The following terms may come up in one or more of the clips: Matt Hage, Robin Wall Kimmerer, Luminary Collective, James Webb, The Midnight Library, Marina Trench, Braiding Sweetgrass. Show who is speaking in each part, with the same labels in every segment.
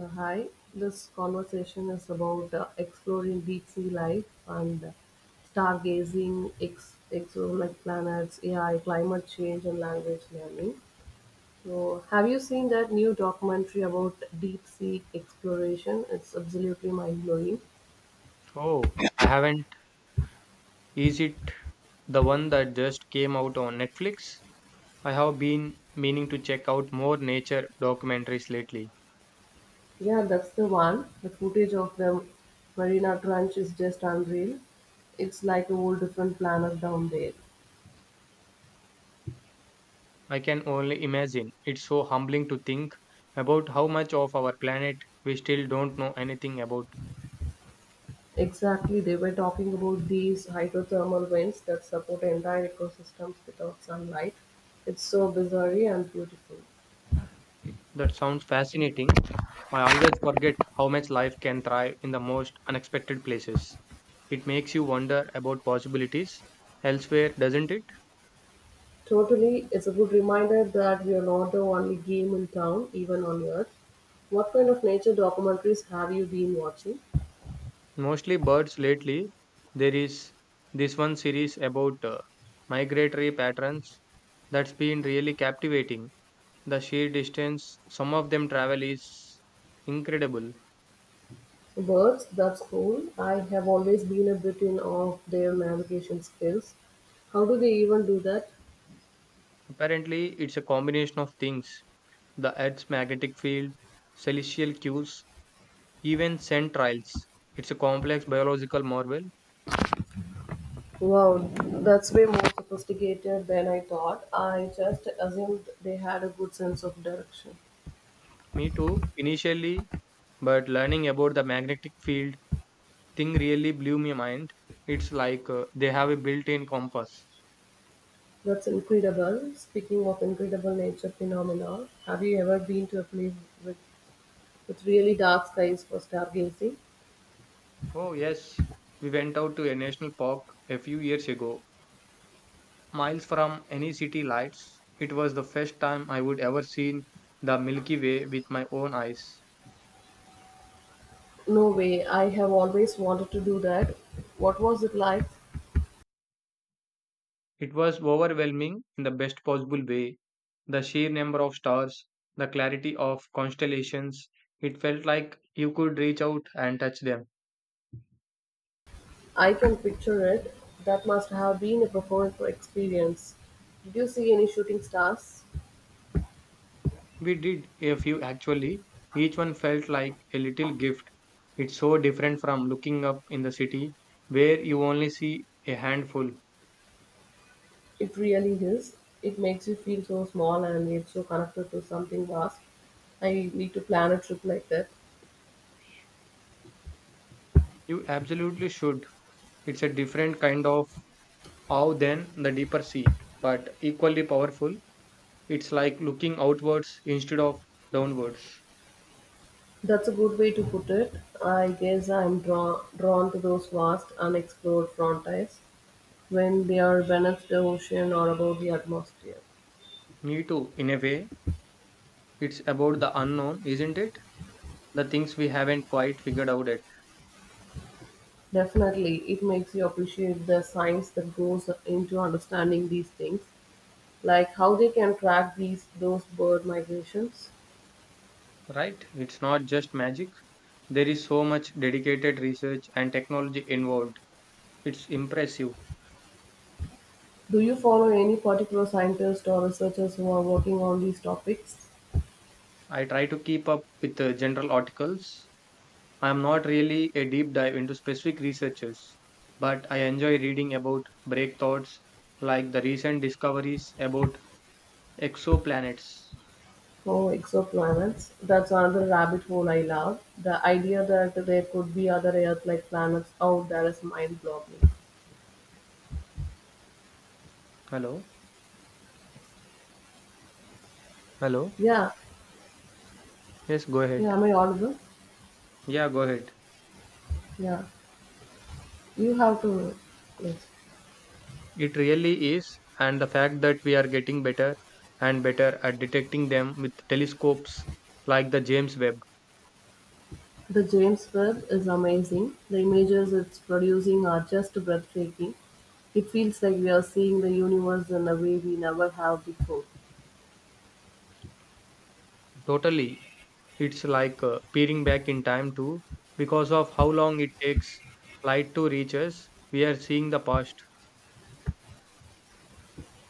Speaker 1: Hi, this conversation is about exploring deep sea life and stargazing, exoplanet planets, AI, climate change, and language learning. So, have you seen that new documentary about deep sea exploration? It's absolutely mind blowing.
Speaker 2: Oh, I haven't. Is it the one that just came out on Netflix? I have been meaning to check out more nature documentaries lately.
Speaker 1: Yeah, that's the one. The footage of the Marina Trench is just unreal. It's like a whole different planet down there.
Speaker 2: I can only imagine. It's so humbling to think about how much of our planet we still don't know anything about.
Speaker 1: Exactly, they were talking about these hydrothermal vents that support entire ecosystems without sunlight. It's so bizarre and beautiful.
Speaker 2: That sounds fascinating. I always forget how much life can thrive in the most unexpected places. It makes you wonder about possibilities elsewhere, doesn't it?
Speaker 1: Totally, it's a good reminder that we are not the only game in town, even on Earth. What kind of nature documentaries have you been watching?
Speaker 2: Mostly birds lately. There is this one series about migratory patterns that's been really captivating. The sheer distance some of them travel is incredible.
Speaker 1: Birds, that's cool. I have always been a bit in awe of their navigation skills. How do they even do that?
Speaker 2: Apparently, it's a combination of things: the Earth's magnetic field, celestial cues, even scent trails. It's a complex biological marvel.
Speaker 1: Wow, that's way more sophisticated than I thought. I just assumed they had a good sense of direction.
Speaker 2: Me too, initially, but learning about the magnetic field thing really blew my mind. It's like they have a built in compass.
Speaker 1: That's incredible. Speaking of incredible nature phenomena, have you ever been to a place with, with really dark skies for stargazing?
Speaker 2: Oh, yes. We went out to a national park a few years ago, miles from any city lights. It was the first time I would ever seen the Milky Way with my own eyes.
Speaker 1: No way. I have always wanted to do that. What was it like?
Speaker 2: It was overwhelming in the best possible way. The sheer number of stars, the clarity of constellations, it felt like you could reach out and touch them.
Speaker 1: I can picture it. That must have been a profound experience. Did you see any shooting stars?
Speaker 2: We did a few actually. Each one felt like a little gift. It's so different from looking up in the city where you only see a handful.
Speaker 1: It really is. It makes you feel so small and yet so connected to something vast. I need to plan a trip like that.
Speaker 2: You absolutely should. It's a different kind of awe than the deeper sea, but equally powerful. It's like looking outwards instead of downwards.
Speaker 1: That's a good way to put it. I guess drawn to those vast, unexplored frontiers when they are beneath the ocean or above the atmosphere.
Speaker 2: Me too, in a way. It's about the unknown, isn't it? The things we haven't quite figured out yet.
Speaker 1: Definitely, it makes you appreciate the science that goes into understanding these things, like how they can track these those bird migrations.
Speaker 2: Right? It's not just magic. There is so much dedicated research and technology involved. It's impressive.
Speaker 1: Do you follow any particular scientists or researchers who are working on these topics?
Speaker 2: I try to keep up with the general articles. I am not really a deep dive into specific researchers, but I enjoy reading about breakthroughs like the recent discoveries about exoplanets.
Speaker 1: Oh, exoplanets. That's another rabbit hole I love. The idea that there could be other Earth like planets out there is mind-blowing.
Speaker 2: Hello? Hello?
Speaker 1: Yeah,
Speaker 2: Yes, go
Speaker 1: yeah,
Speaker 2: ahead.
Speaker 1: am I audible?
Speaker 2: Yeah, go ahead.
Speaker 1: Yeah, you have to. Yes.
Speaker 2: It really is, and the fact that we are getting better and better at detecting them with telescopes like the James Webb.
Speaker 1: The James Webb is amazing. The images it's producing are just breathtaking. It feels like we are seeing the universe in a way we never have before.
Speaker 2: Totally. It's like peering back in time too, because of how long it takes light to reach us, we are seeing the past.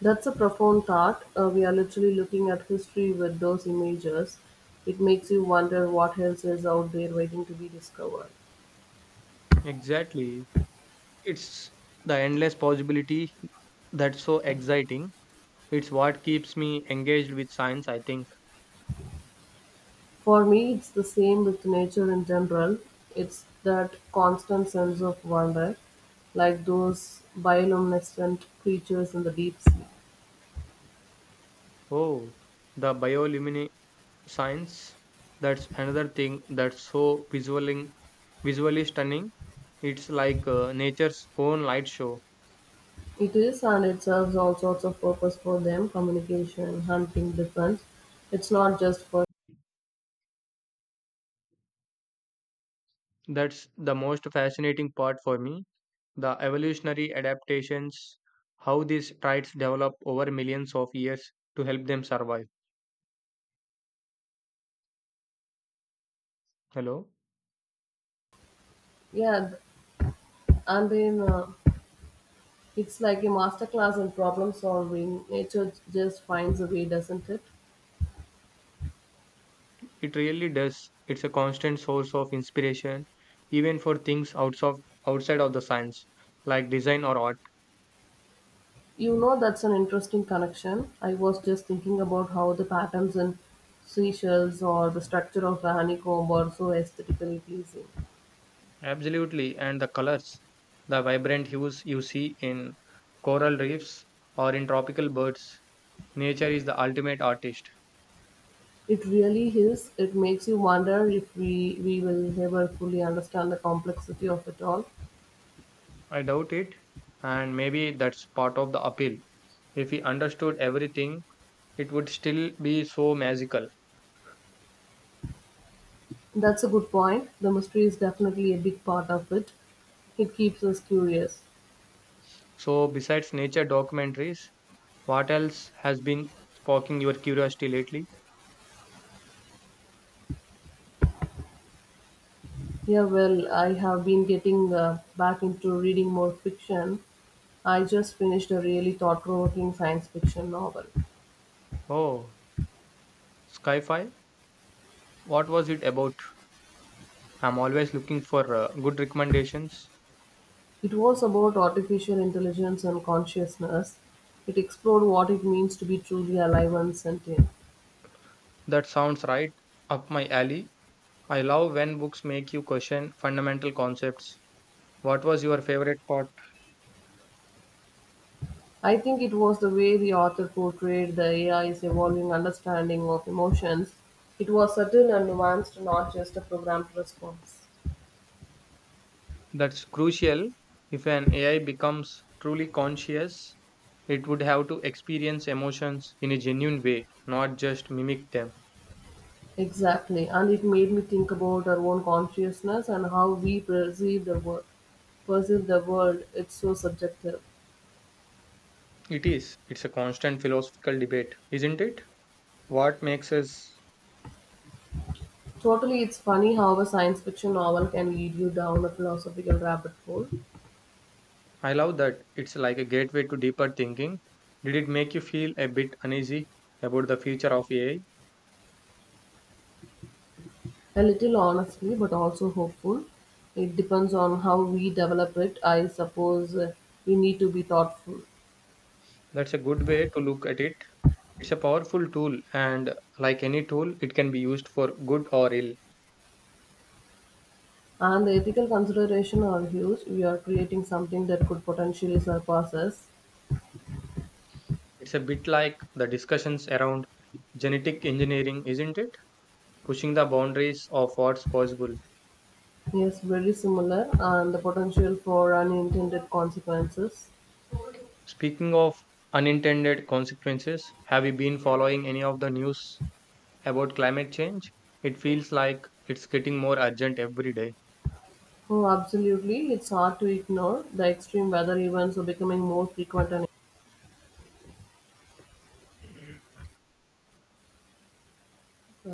Speaker 1: That's a profound thought. We are literally looking at history with those images. It makes you wonder what else is out there waiting to be discovered.
Speaker 2: Exactly. It's the endless possibility that's so exciting. It's what keeps me engaged with science, I think.
Speaker 1: For me, it's the same with nature in general. It's that constant sense of wonder, like those bioluminescent creatures in the deep sea.
Speaker 2: Oh, the bioluminescence. That's another thing that's so visually stunning. It's like nature's own light show.
Speaker 1: It is, and it serves all sorts of purpose for them communication, hunting, defense. It's not just for.
Speaker 2: That's the most fascinating part for me. The evolutionary adaptations, how these traits develop over millions of years to help them survive. Hello?
Speaker 1: Yeah, and then. It's like a masterclass in problem solving. Nature just finds a way, doesn't it?
Speaker 2: It really does. It's a constant source of inspiration, even for things outside of the science, like design or art.
Speaker 1: You know, that's an interesting connection. I was just thinking about how the patterns in seashells or the structure of the honeycomb are so aesthetically pleasing.
Speaker 2: Absolutely, and the colors, the vibrant hues you see in coral reefs or in tropical birds. Nature is the ultimate artist.
Speaker 1: It really is. It makes you wonder if we will ever fully understand the complexity of it all.
Speaker 2: I doubt it, and maybe that's part of the appeal. If we understood everything, it would still be so magical.
Speaker 1: That's a good point. The mystery is definitely a big part of it. It keeps us curious.
Speaker 2: So, besides nature documentaries, what else has been sparking your curiosity lately?
Speaker 1: Yeah, well, I have been getting back into reading more fiction. I just finished a really thought provoking science fiction novel.
Speaker 2: Oh, Skyfi? What was it about? I'm always looking for good recommendations.
Speaker 1: It was about artificial intelligence and consciousness. It explored what it means to be truly alive and sentient.
Speaker 2: That sounds right up my alley. I love when books make you question fundamental concepts. What was your favorite part?
Speaker 1: I think it was the way the author portrayed the AI's evolving understanding of emotions. It was subtle and nuanced, not just a programmed response.
Speaker 2: That's crucial. If an AI becomes truly conscious, it would have to experience emotions in a genuine way, not just mimic them.
Speaker 1: Exactly, and it made me think about our own consciousness and how we perceive the world. Perceive the world. It's so subjective.
Speaker 2: It is. It's a constant philosophical debate, isn't it? What makes us?
Speaker 1: Totally, it's funny how a science fiction novel can lead you down a philosophical rabbit hole.
Speaker 2: I love that it's like a gateway to deeper thinking. Did it make you feel a bit uneasy about the future of AI?
Speaker 1: A little honestly, but also hopeful. It depends on how we develop it. I suppose we need to be thoughtful.
Speaker 2: That's a good way to look at it. It's a powerful tool, and like any tool, it can be used for good or ill.
Speaker 1: And the ethical considerations are huge. We are creating something that could potentially surpass us.
Speaker 2: It's a bit like the discussions around genetic engineering, isn't it? Pushing the boundaries of what's possible.
Speaker 1: Yes, very similar, and the potential for unintended consequences.
Speaker 2: Speaking of unintended consequences, have you been following any of the news about climate change? It feels like it's getting more urgent every day.
Speaker 1: Oh, absolutely. It's hard to ignore. The extreme weather events are becoming more frequent. And